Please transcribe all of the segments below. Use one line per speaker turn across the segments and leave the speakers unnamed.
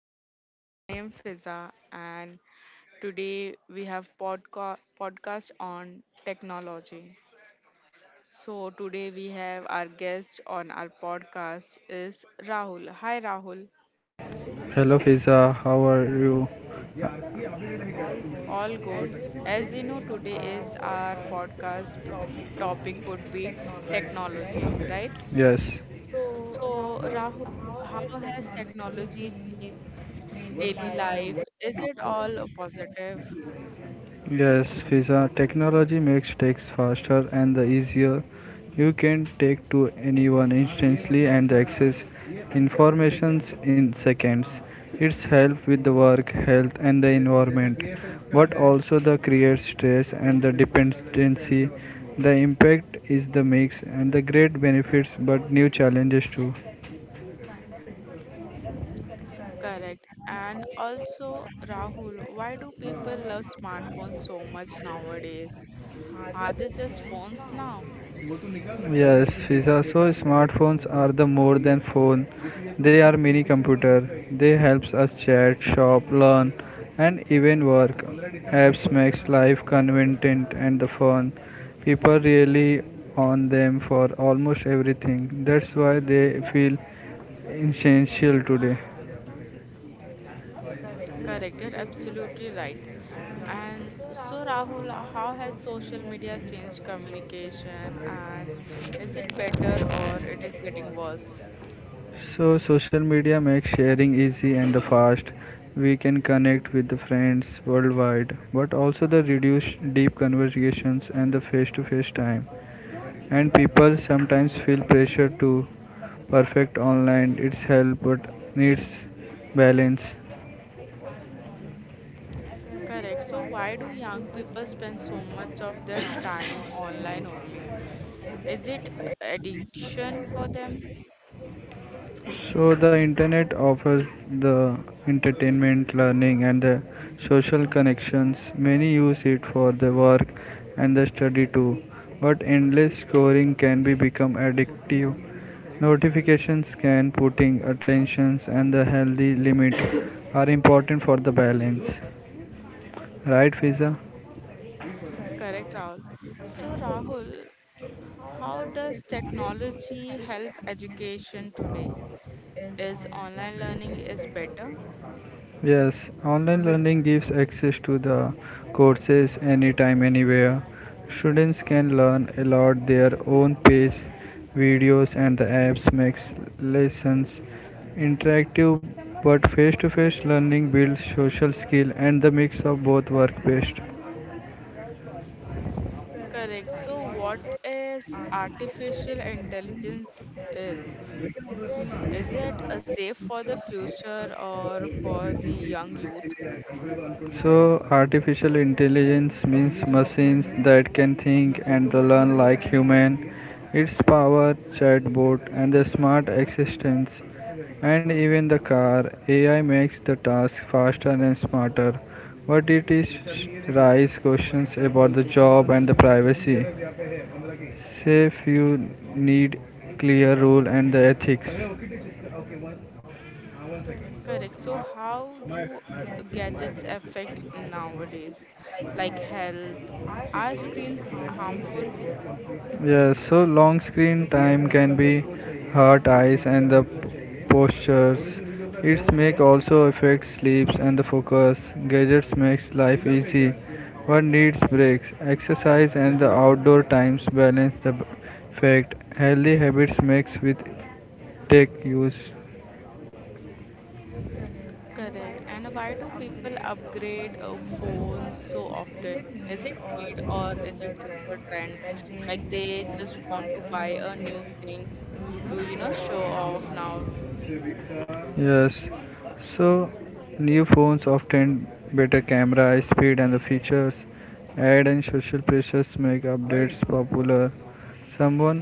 everyone, I am Fiza and today we have podcast on technology. So today we have our guest on our podcast is Rahul. Hi Rahul.
Hello Fiza, how are you?
All good. As you know today is our topic would be technology, right?
Yes,
So Rahul, how has technology changed daily life? Is it all a positive?
yes Fiza, technology makes texts faster and the easier. You can take to anyone instantly and access informations in seconds. It's help with the work, health and the environment, but also the creates stress and the dependency. The impact is the mix and the great benefits but new challenges too.
Correct. And also, Rahul, why do people love smartphones so much nowadays? Are they just phones now?
Yes, Fiza. So smartphones are the more than phone. They are mini computer. They helps us chat, shop, learn, and even work. Apps makes life convenient and the fun. People really on them for almost everything. That's why they feel essential today.
Correct. You're absolutely right. And so, Rahul, how has social media changed communication and is it better or it is getting worse?
So social media makes sharing easy and fast. We can connect with the friends worldwide, but also the reduce deep conversations and the face-to-face time. And people sometimes feel pressure to perfect online. It's help but needs balance.
Correct. So, why do young people spend so much of their time online only? Is it addiction for them?
So the internet offers the entertainment, learning, and the social connections. Many use it for the work and the study too. But endless scoring can be become addictive. Notifications can putting attentions and the healthy limit are important for the balance. Right, Fiza?
Correct, Rahul. So, Rahul, how does technology help education today? Is online learning is better?
Yes, online learning gives access to the courses anytime, anywhere. Students can learn a lot their own pace. Videos and the apps makes lessons interactive, but face-to-face learning builds social skill and the mix of both work best.
Correct. So what is artificial intelligence is? Is it a safe for the future or for the young youth?
So, artificial intelligence means machines that can think and learn like human. Its power, chatbot, and the smart assistants, and even the car AI makes the task faster and smarter. But it is raise questions about the job and the privacy. Say few need clear rule and the ethics.
Correct. So how do gadgets affect nowadays? Like health? Are screens harmful?
Yes, so long screen time can be hurt eyes and the postures. Its make also affects sleeps and the focus. Gadgets makes life easy, but needs breaks. Exercise and the outdoor times balance the fact. Healthy habits makes with tech use.
Correct. And why do people upgrade phones so often? Is it need or is it just a trend? Like they just want to buy a new thing to, you know, show off now.
Yes, so new phones often better camera, speed, and the features. Ad and social pressures make updates popular. Someone,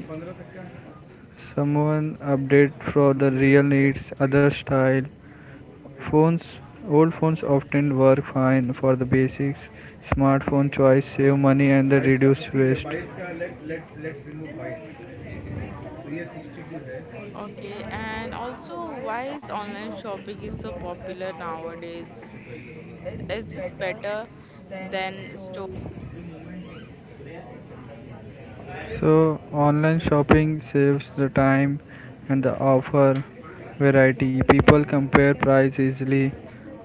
someone update for the real needs, other style. Phones, old phones often work fine for the basics. Smartphone choice save money and the reduce waste.
Okay. And also, why is online shopping is so popular nowadays? Is this better than store?
So, online shopping saves the time and the offer variety. People compare price easily.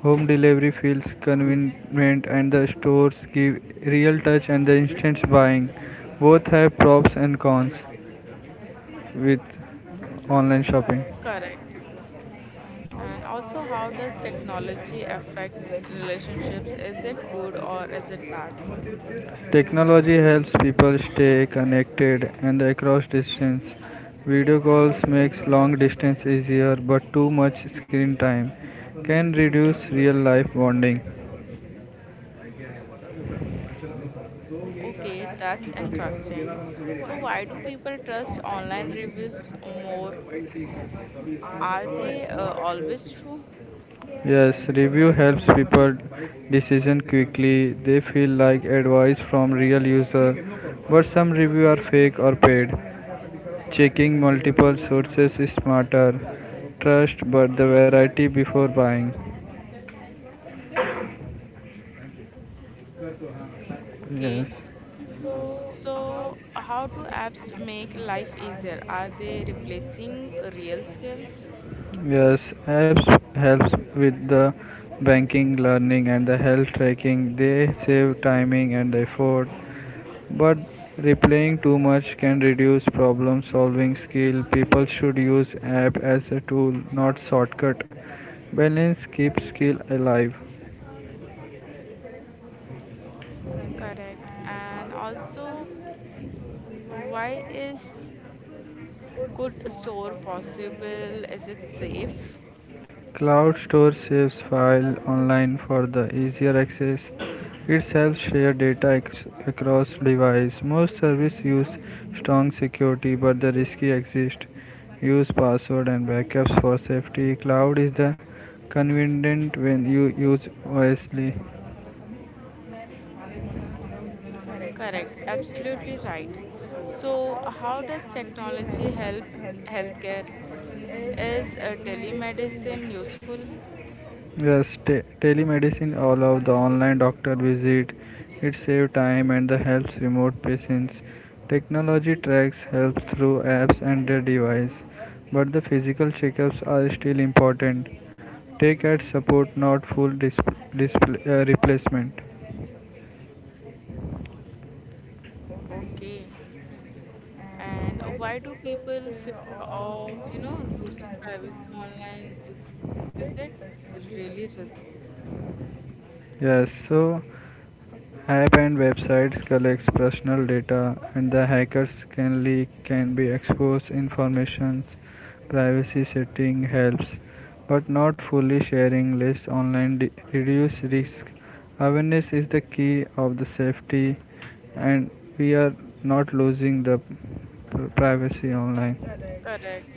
Home delivery feels convenient and the stores give real touch and the instant buying. Both have props and cons with online shopping.
Correct. And also, how does technology affect relationships? Is it good or is it bad?
Technology helps people stay connected and across distance. Video calls makes long distance easier, but too much screen time can reduce real life bonding.
Okay, that's interesting. So, why do people trust online reviews more? Are they always true?
Yes, review helps people decision quickly. They feel like advice from real user, but some review are fake or paid. Checking multiple sources is smarter. Trust but the variety before buying.
Okay.
Yes.
So, how do apps make life easier? Are they replacing real skills?
Yes, apps helps with the banking, learning, and the health tracking. They save timing and effort, but replaying too much can reduce problem solving skill. People should use app as a tool, not shortcut. Balance keeps skill alive.
Correct. And also, why is could store possible? Is it safe?
Cloud stores saves files online for the easier access. It helps share data across devices. Most services use strong security, but the risky exist. Use password and backups for safety. Cloud is the convenient when you use wisely.
Correct. Absolutely right. So, how does technology help healthcare? Is telemedicine useful?
Yes, telemedicine allowed the online doctor visit. It saves time and the helps remote patients. Technology tracks health through apps and their device, but the physical checkups are still important. Take at support, not full display, replacement.
Okay. And why do people fear of, you know, losing privacy online? Is it really risky?
Yes, so app and websites collects personal data and the hackers can leak can be exposed informations. Privacy setting helps but not fully. Sharing less online reduce risk. Awareness is the key of the safety, and we are not losing the privacy online.
Correct.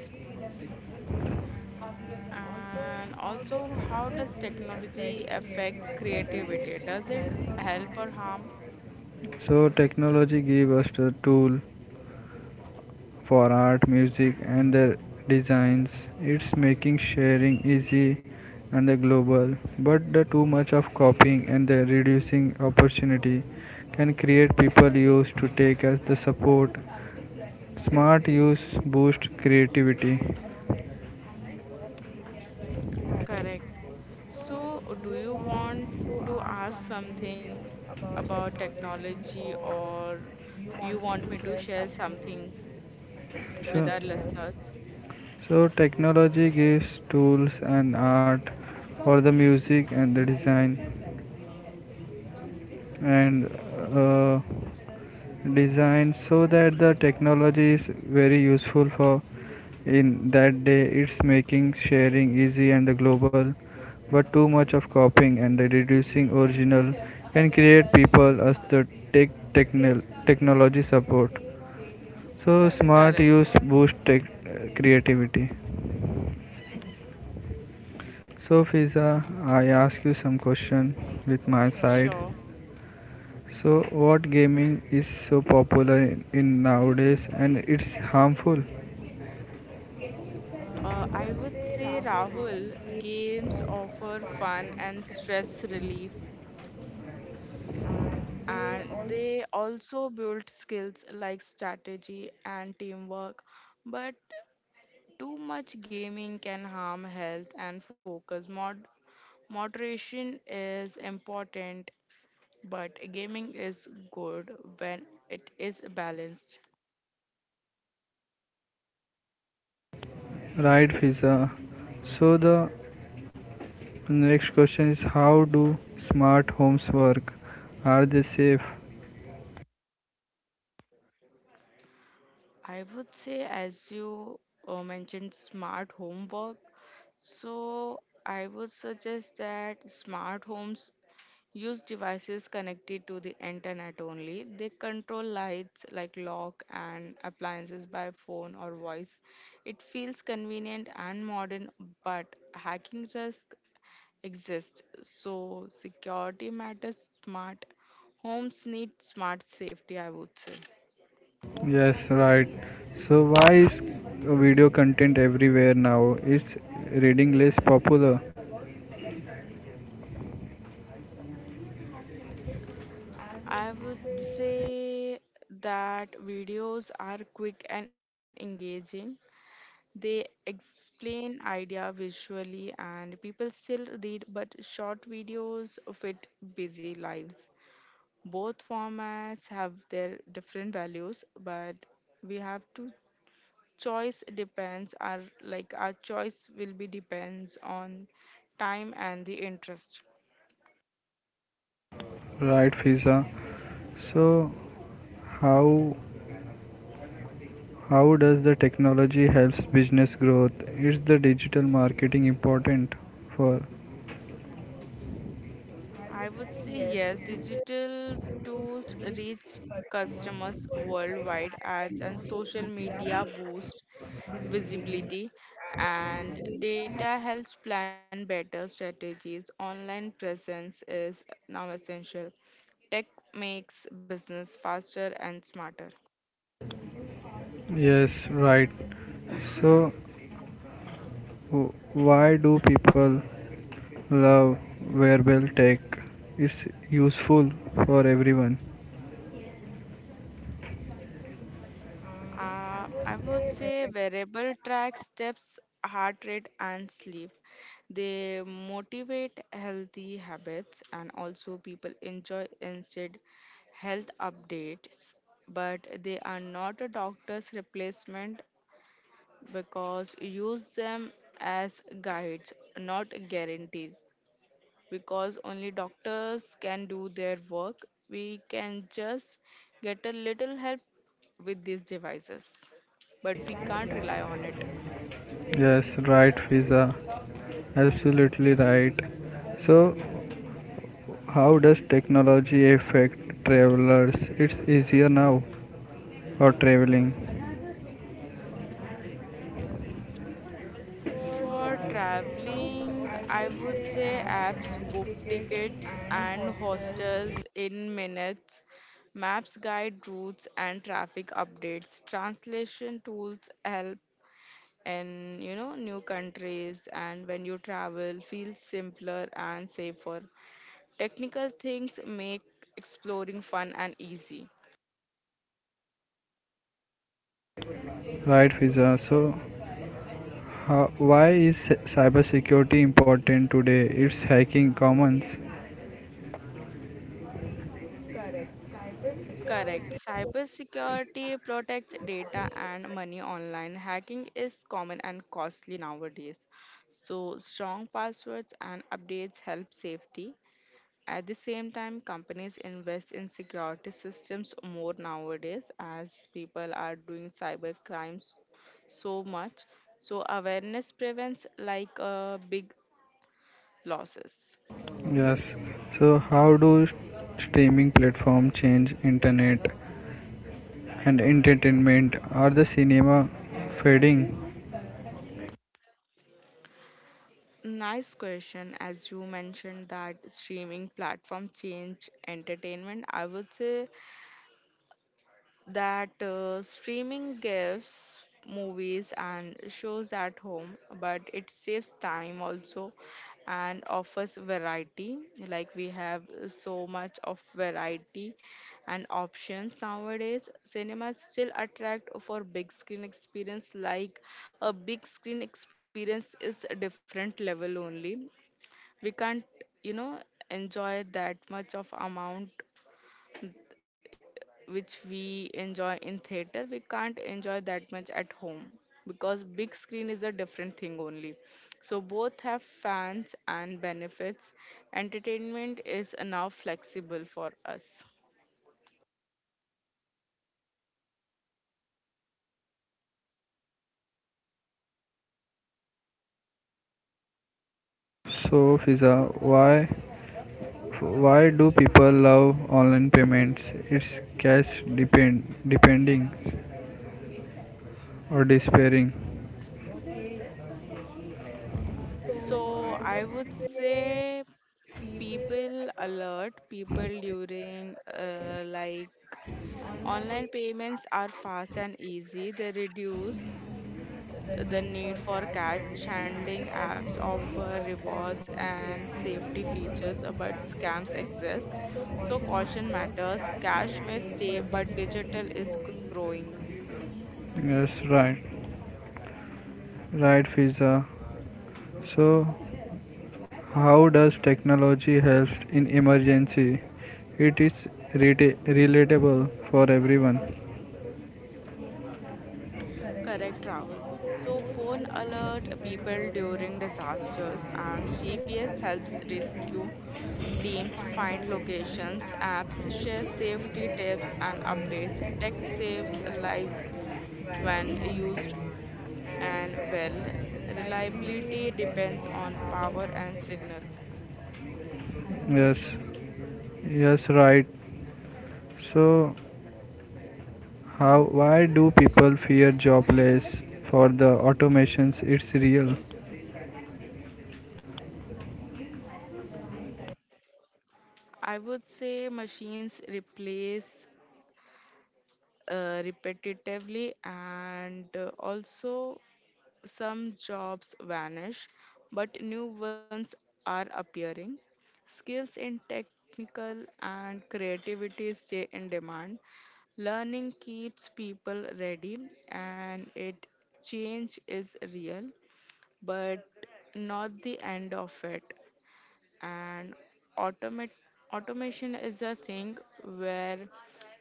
And also, how does technology affect creativity? Does it help or harm?
So technology gives us the tool for art, music and their designs. It's making sharing easy and the global, but the too much of copying and the reducing opportunity can create people used to take as the support. Smart use boost creativity. So,
Correct. So, do you want to ask something about technology or you want me to share something with
Sure.
our listeners?
So technology gives tools and art for the music and the design and uh, design, so that the technology is very useful for in that day. It's making sharing easy and the global, but too much of copying and the reducing original can create people as the technology support. So smart
Correct.
use boost tech creativity. So Fiza, I ask you some question with my side.
Sure.
So, what gaming is so popular in nowadays and it's harmful,
I would say Rahul, games offer fun and stress relief, and they also build skills like strategy and teamwork. But too much gaming can harm health and focus. Moderation is important, but gaming is good when it is balanced.
right, Fiza? So, the next question is how do smart homes work? Are they safe?
I would say, as you mentioned, smart homework. So, I would suggest that smart homes use devices connected to the internet only. They control lights like lock and appliances by phone or voice. It feels convenient and modern, but hacking risk exists. So, security matters. Smart homes need smart safety, I would say.
Yes, right. So, why is video content everywhere now? Is reading less popular,
I would say that videos are quick and engaging. They explain idea visually and people still read but short videos fit busy lives. Both formats have their different values but we have to choice depends our like our choice will be depends on time and the interest.
right, Fiza? So, how how does the technology helps business growth? Is the digital marketing important for?
I would say yes, digital tools reach customers worldwide ads and social media boost visibility and data helps plan better strategies online presence is now essential tech makes business faster and smarter.
Yes, right. So, why do people love wearable tech? It's useful for everyone.
I would say wearable tracks steps heart rate and sleep they motivate healthy habits and also people enjoy instead health updates but they are not a doctor's replacement because use them as guides, not guarantees. Because only doctors can do their work, we can just get a little help with these devices, but we can't rely on it.
Yes, right, Fiza. Absolutely right. So, how does technology affect travelers? It's easier now for traveling,
For traveling, I would say apps book tickets and hostels in minutes. Maps guide routes and traffic updates. Translation tools help and you know new countries and when you travel feels simpler and safer technical things make exploring fun and easy.
right, Fiza? So, why is cybersecurity important today? It's hacking commons.
Correct, cybersecurity protects data and money online hacking is common and costly nowadays so strong passwords and updates help safety. At the same time, companies invest in security systems more nowadays as people are doing cyber crimes so much. So awareness prevents like big losses.
Yes. So how do streaming platform change internet and entertainment? Are the cinema fading?
Nice question. As you mentioned that streaming platform change entertainment, I would say that streaming gives movies and shows at home, but it saves time also and offers variety. Like we have so much of variety and options nowadays. Cinemas still attract for big screen experience. Like a big screen experience is a different level only. We can't, you know, enjoy that much of amount which we enjoy in theater we can't enjoy that much at home because big screen is a different thing only so both have fans and benefits entertainment is now flexible for us.
So Fiza, why do people love online payments? It's cash depend depending or despairing.
So I would say people during online payments are fast and easy. They reduce the need for cash handling apps offer rewards and safety features but scams exist so caution matters cash may stay but digital is growing.
Yes, right. Right Fiza. So how does technology help in emergency? It is reta relatable for everyone.
Correct, Rahul. So phone alert people during disasters and GPS helps rescue teams find locations apps share safety tips and updates tech saves lives when used and well, reliability depends on power and signal.
Yes, yes, right. So, why do people fear jobless for the automations? It's real.
I would say machines replace repetitively and also some jobs vanish, but new ones are appearing. Skills in technical and creativity stay in demand. Learning keeps people ready and it change is real, but not the end of it. And automate automation is a thing where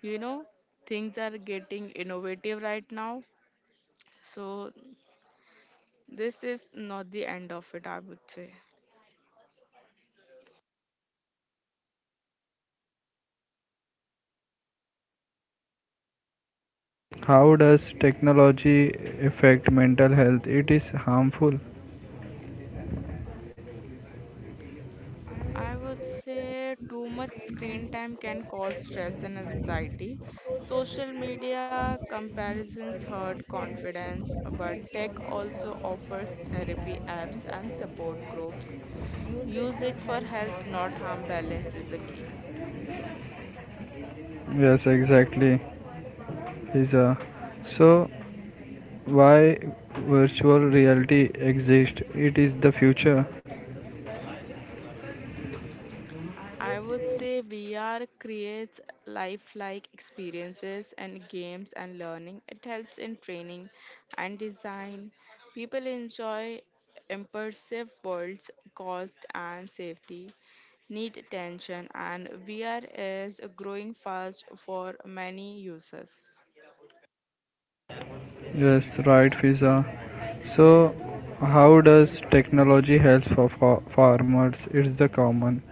you know things are getting innovative right now. So this is not the end of it, I would say.
How does technology affect mental health? It is harmful.
I would say too much screen time can cause stress and anxiety. Social media comparisons hurt confidence, but tech also offers therapy apps and support groups. Use it for help, not harm balance is a key.
Yes, exactly. Is a so why virtual reality exists? It is the future.
I would say VR creates lifelike experiences and games and learning. It helps in training and design. People enjoy immersive worlds, cost and safety need attention, and VR is growing fast for many users.
Yes, right, Fiza. So, how does technology help for farmers? It's the common.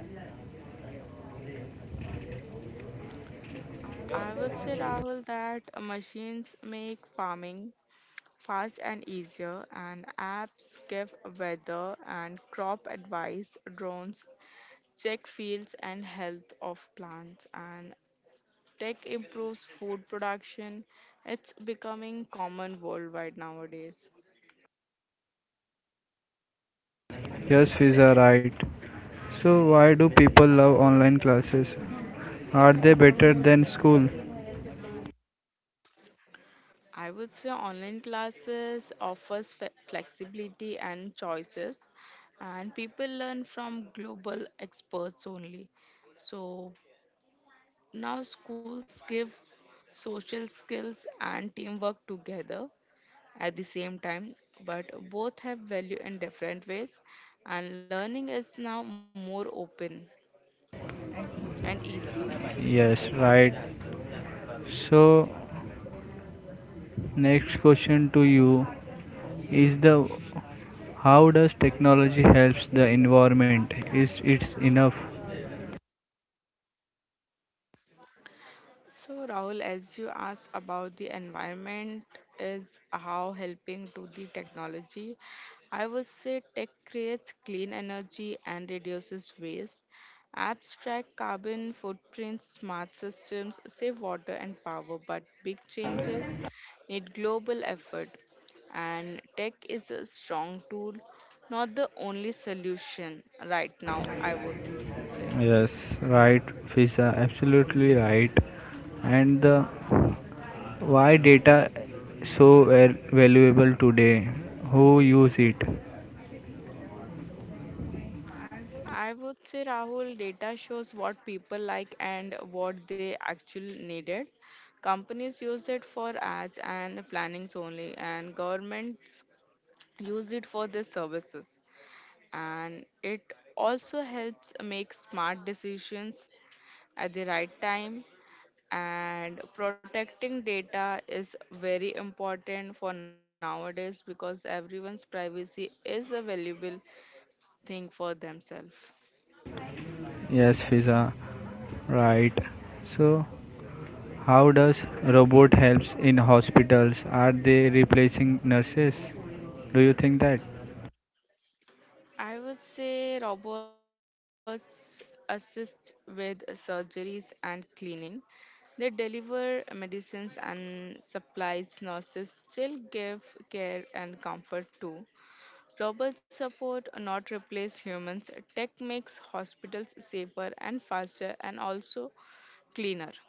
I would say, Rahul, that machines make farming fast and easier, and apps give weather and crop advice, drones check fields and health of plants, and tech improves food production. It's becoming common worldwide nowadays.
Yes, Fiza, right. So, why do people love online classes? Are they better than school?
I would say online classes offers flexibility and choices, and people learn from global experts only. So now, schools give social skills and teamwork together at the same time, but both have value in different ways, and learning is now more open and easy.
Yes, right. So, next question to you is the how does technology helps the environment? Is it's enough?
So, Rahul, as you asked about the environment is how helping to the technology, I would say tech creates clean energy and reduces waste. Apps track carbon footprints, smart systems save water and power, but big changes need global effort. And tech is a strong tool, not the only solution right now, I would say.
Yes, right, Fiza, absolutely right. And the why data so valuable today? Who use it?
I would say Rahul, data shows what people like and what they actually needed. Companies use it for ads and plannings only, and governments use it for their services. And it also helps make smart decisions at the right time. And protecting data is very important for nowadays because everyone's privacy is a valuable thing for themselves.
Yes, Fiza, right. So, how does robot helps in hospitals? Are they replacing nurses? Do you think that?
I would say robots assist with surgeries and cleaning. They deliver medicines and supplies. Nurses still give care and comfort too. Robots support, not replace humans. Tech makes hospitals safer and faster and also cleaner.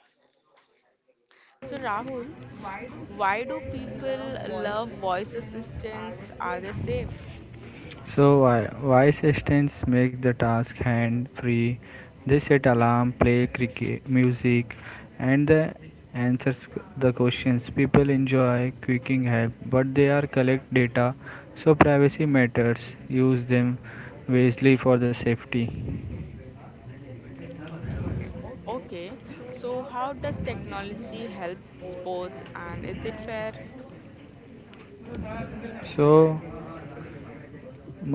So, Rahul, why do people love voice assistants? Are they safe?
So why assistants make the task hand free? They set alarm, play cricket music, and the answers the questions. People enjoy quicking help, but they are collect data, so privacy matters. Use them wisely for the safety.
Okay, so how does technology help sports and is it fair?
So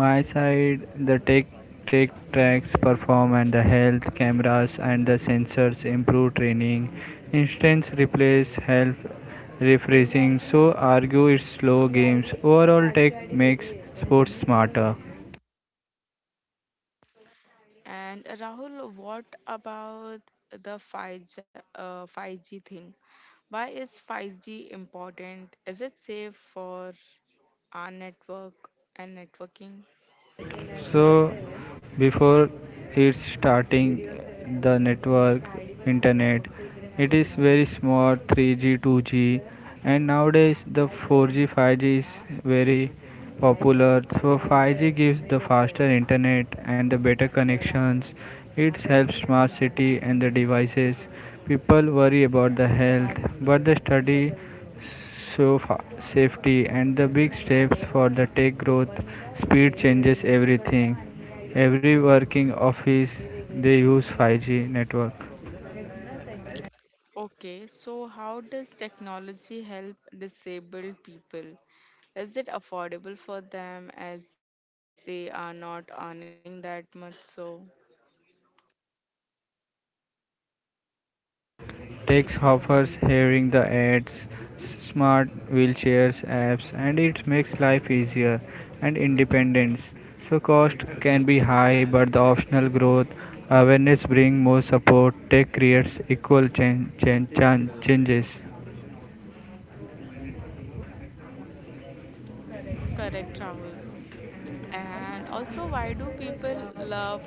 my side the tech tracks perform and the health. Cameras and the sensors improve training. Instance replace help refreshing, so argue it's slow games. Overall tech makes sports smarter.
And Rahul, what about the 5G, 5G thing? Why is 5G important? Is it safe for our network and networking?
So before it's starting the network internet, it is very small. 3G 2G, and nowadays the 4G 5G is very popular. So 5G gives the faster internet and the better connections. It helps smart city and the devices. People worry about the health but the study. So, safety and the big steps for the tech growth, speed changes everything. Every working office they use 5G network.
Okay, so how does technology help disabled people? Is it affordable for them as they are not earning that much? So,
Tech offers hearing the ads, smart wheelchairs apps, and it makes life easier and independence. So cost can be high but the optional growth, awareness bring more support. Tech creates equal changes.
correct, Rahul. And also, why do people love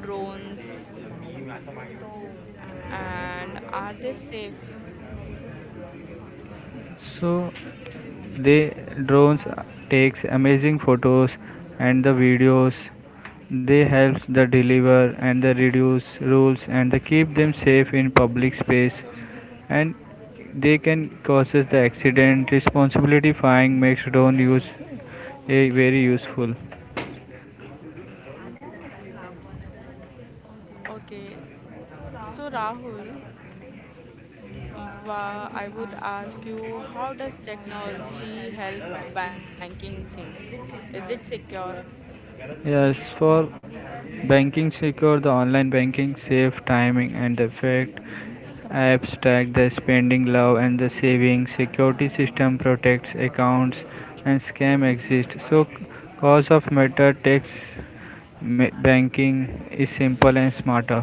drones and are they safe?
So they drones takes amazing photos and the videos. They helps the deliver and the reduce rules and they keep them safe in public space, and they can causes the accident. Responsibility flying makes drone use a very useful.
Okay, so Rahul, I would ask you how does technology help banking thing? Is it secure?
Yes, for banking secure the online banking, safe timing and effect, apps track the spending love and the saving, security system protects accounts and scam exist. So cause of matter takes banking is simple and smarter.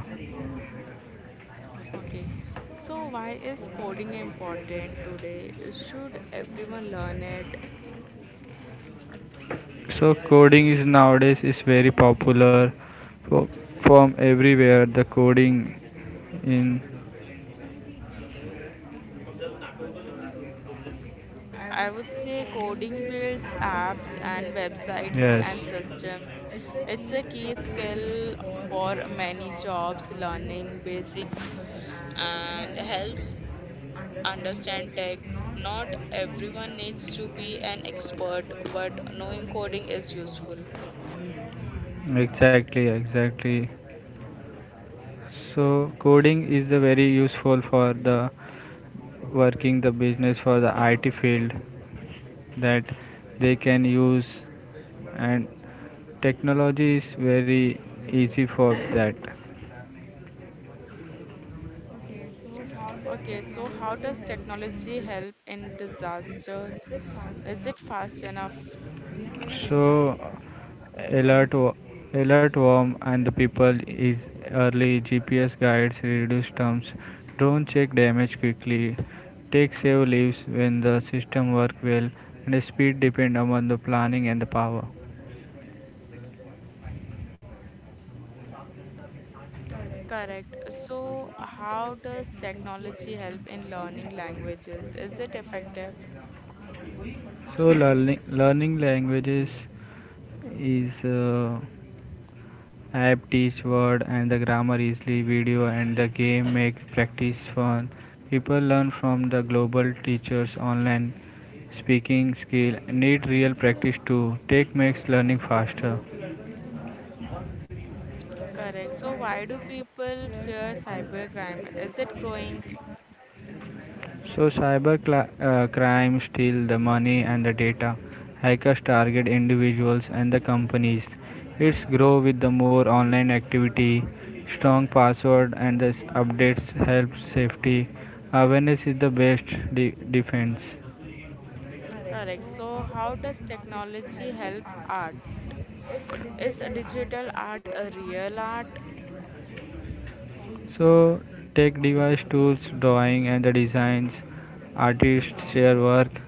Okay, so why is coding important today? Should everyone learn it?
So coding is nowadays is very popular fo- from everywhere the coding in.
I would say coding builds apps and website and
Yes,
systems. It's a key skill for many jobs. Learning basic and helps understand tech. Not everyone needs to be an expert, but knowing coding is useful.
exactly. So coding is the very useful for the working, the business, for the IT field that they can use, and technology is very easy for that.
Okay, so how does technology help in disasters? Is it fast enough?
So alert, alert worm and the people is early. GPS guides reduce terms. Drone check damage quickly. Take save leaves when the system work well, and speed depend upon the planning and the power.
Correct. So, how does technology help in learning languages? Is it effective?
So learning languages is app teach word and the grammar easily. Video and the game make practice fun. People learn from the global teachers online. Speaking skill need real practice too. Take makes learning faster.
Correct. So, why do people fear cybercrime? Is it growing?
So cyber crime steal the money and the data. Hackers target individuals and the companies. It's grow with the more online activity. Strong password and the updates help safety. Awareness is the best defense.
Correct. So, how does technology help art? Is digital art a real art?
So tech device tools, drawing and the designs. Artists share work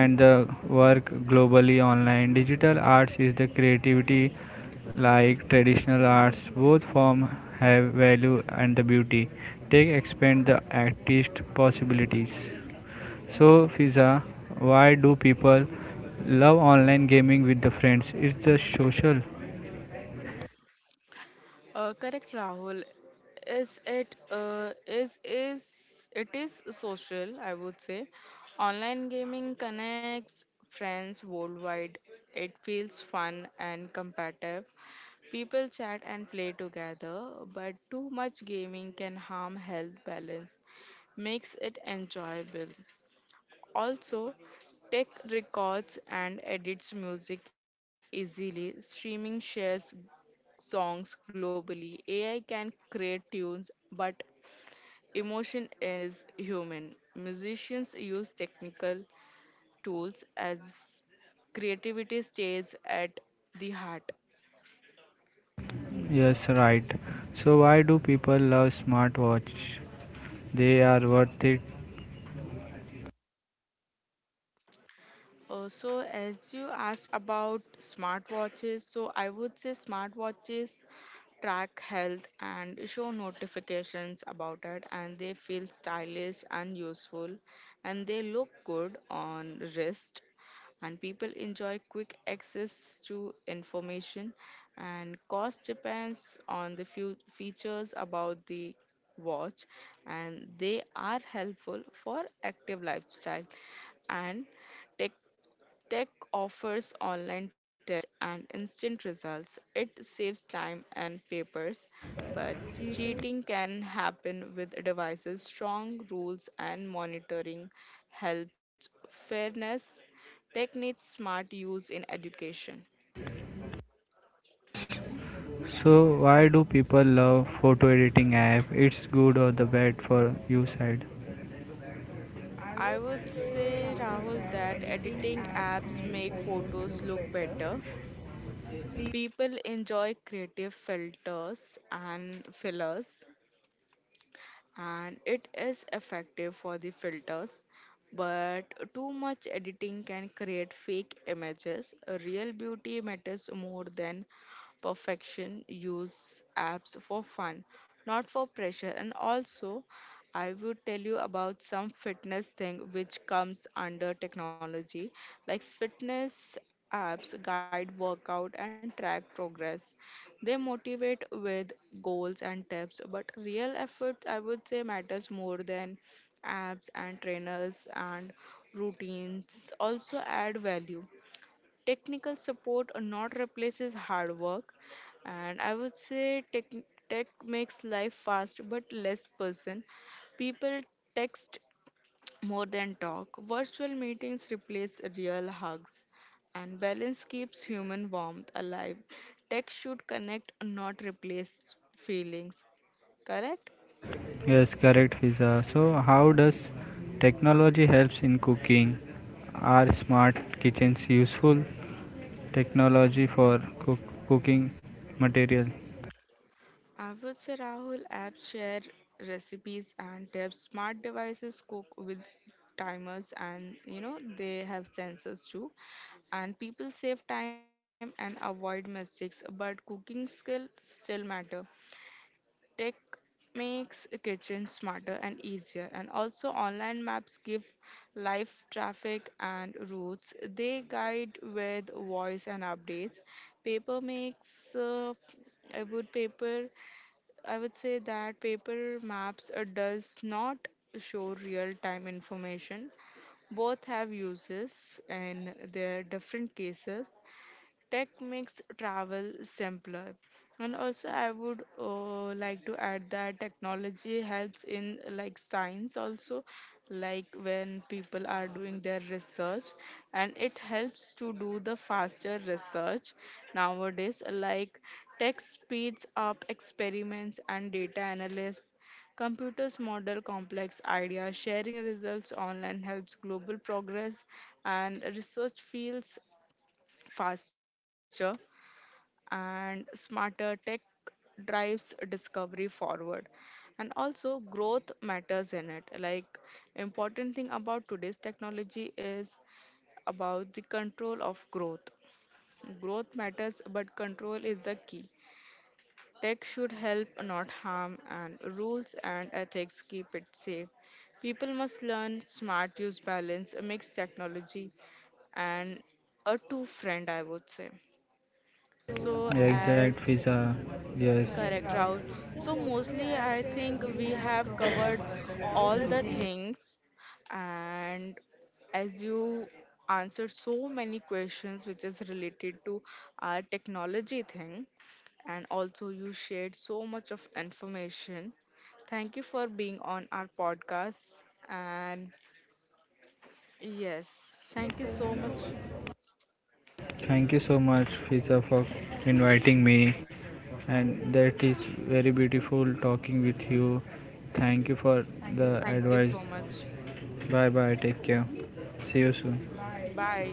and the work globally online. Digital arts is the creativity like traditional arts. Both form have value and the beauty. Take expand the artist possibilities. So Fiza, why do people love online gaming with the friends? It's the social.
Correct, Rahul. Is it is it is social? I would say, online gaming connects friends worldwide. It feels fun and competitive. People chat and play together, but too much gaming can harm health balance. Makes it enjoyable. Also, tech records and edits music easily. Streaming shares songs globally. AI can create tunes, but emotion is human. Musicians use technical tools as creativity stays at the heart.
Yes, right. So why do people love smartwatch? They are worth it.
So, as you asked about smartwatches, so I would say smartwatches track health and show notifications about it, and they feel stylish and useful, and they look good on wrist, and people enjoy quick access to information, and cost depends on the few features about the watch, and they are helpful for active lifestyle and tech. Tech offers online tests and instant results. It saves time and papers, but cheating can happen with devices. Strong rules and monitoring helps fairness. Tech needs smart use in education.
So why do people love photo editing app? It's good or the bad for you side?
I would say, Rahul, that editing apps make photos look better. People enjoy creative filters and fillers, and it is effective for the filters but too much editing can create fake images real beauty matters more than perfection use apps for fun not for pressure. And also, I would tell you about some fitness thing which comes under technology, like fitness apps guide workout and track progress. They motivate with goals and tips, but real effort I would say matters more than apps and trainers and routines also add value technical support or not replaces hard work and I would say tech makes life fast but less person people text more than talk virtual meetings replace real hugs and balance keeps human warmth alive tech should connect not replace feelings correct.
Yes, correct, Fiza. So how does technology helps in cooking? Are smart kitchens useful? Technology for cook- cooking material.
I would say Rahul apps share recipes and tips. Smart devices cook with timers and you know they have sensors too. And people save time and avoid mistakes, but cooking skills still matter. Tech makes a kitchen smarter and easier and also online maps give live traffic and routes they guide with voice and updates paper makes a wood paper I would say that paper maps does not show real-time information. Both have uses and their different cases. Tech makes travel simpler. And also, I would like to add that technology helps in like science also, like when people are doing their research, and it helps to do the faster research nowadays. Like tech speeds up experiments and data analysis. Computers model complex ideas, sharing results online helps global progress, and research fields faster and smarter tech drives discovery forward and also growth matters in it like important thing about today's technology is about the control of growth growth matters but control is the key tech should help not harm and rules and ethics keep it safe people must learn smart use balance mix technology and a two friend I would say so
Exact,
as.
Fiza. Yes.
Correct, Rahul. So mostly I think we have covered all the things and as you answered so many questions which is related to our technology thing and also you shared so much of information. Thank you for being on our podcast and yes, thank you so much.
Thank you so much, Fiza, for inviting me. And that is very beautiful talking with you. Thank you for
Thank
the
you so
advice.
much.
Bye bye take क्या see you sweet
Bye.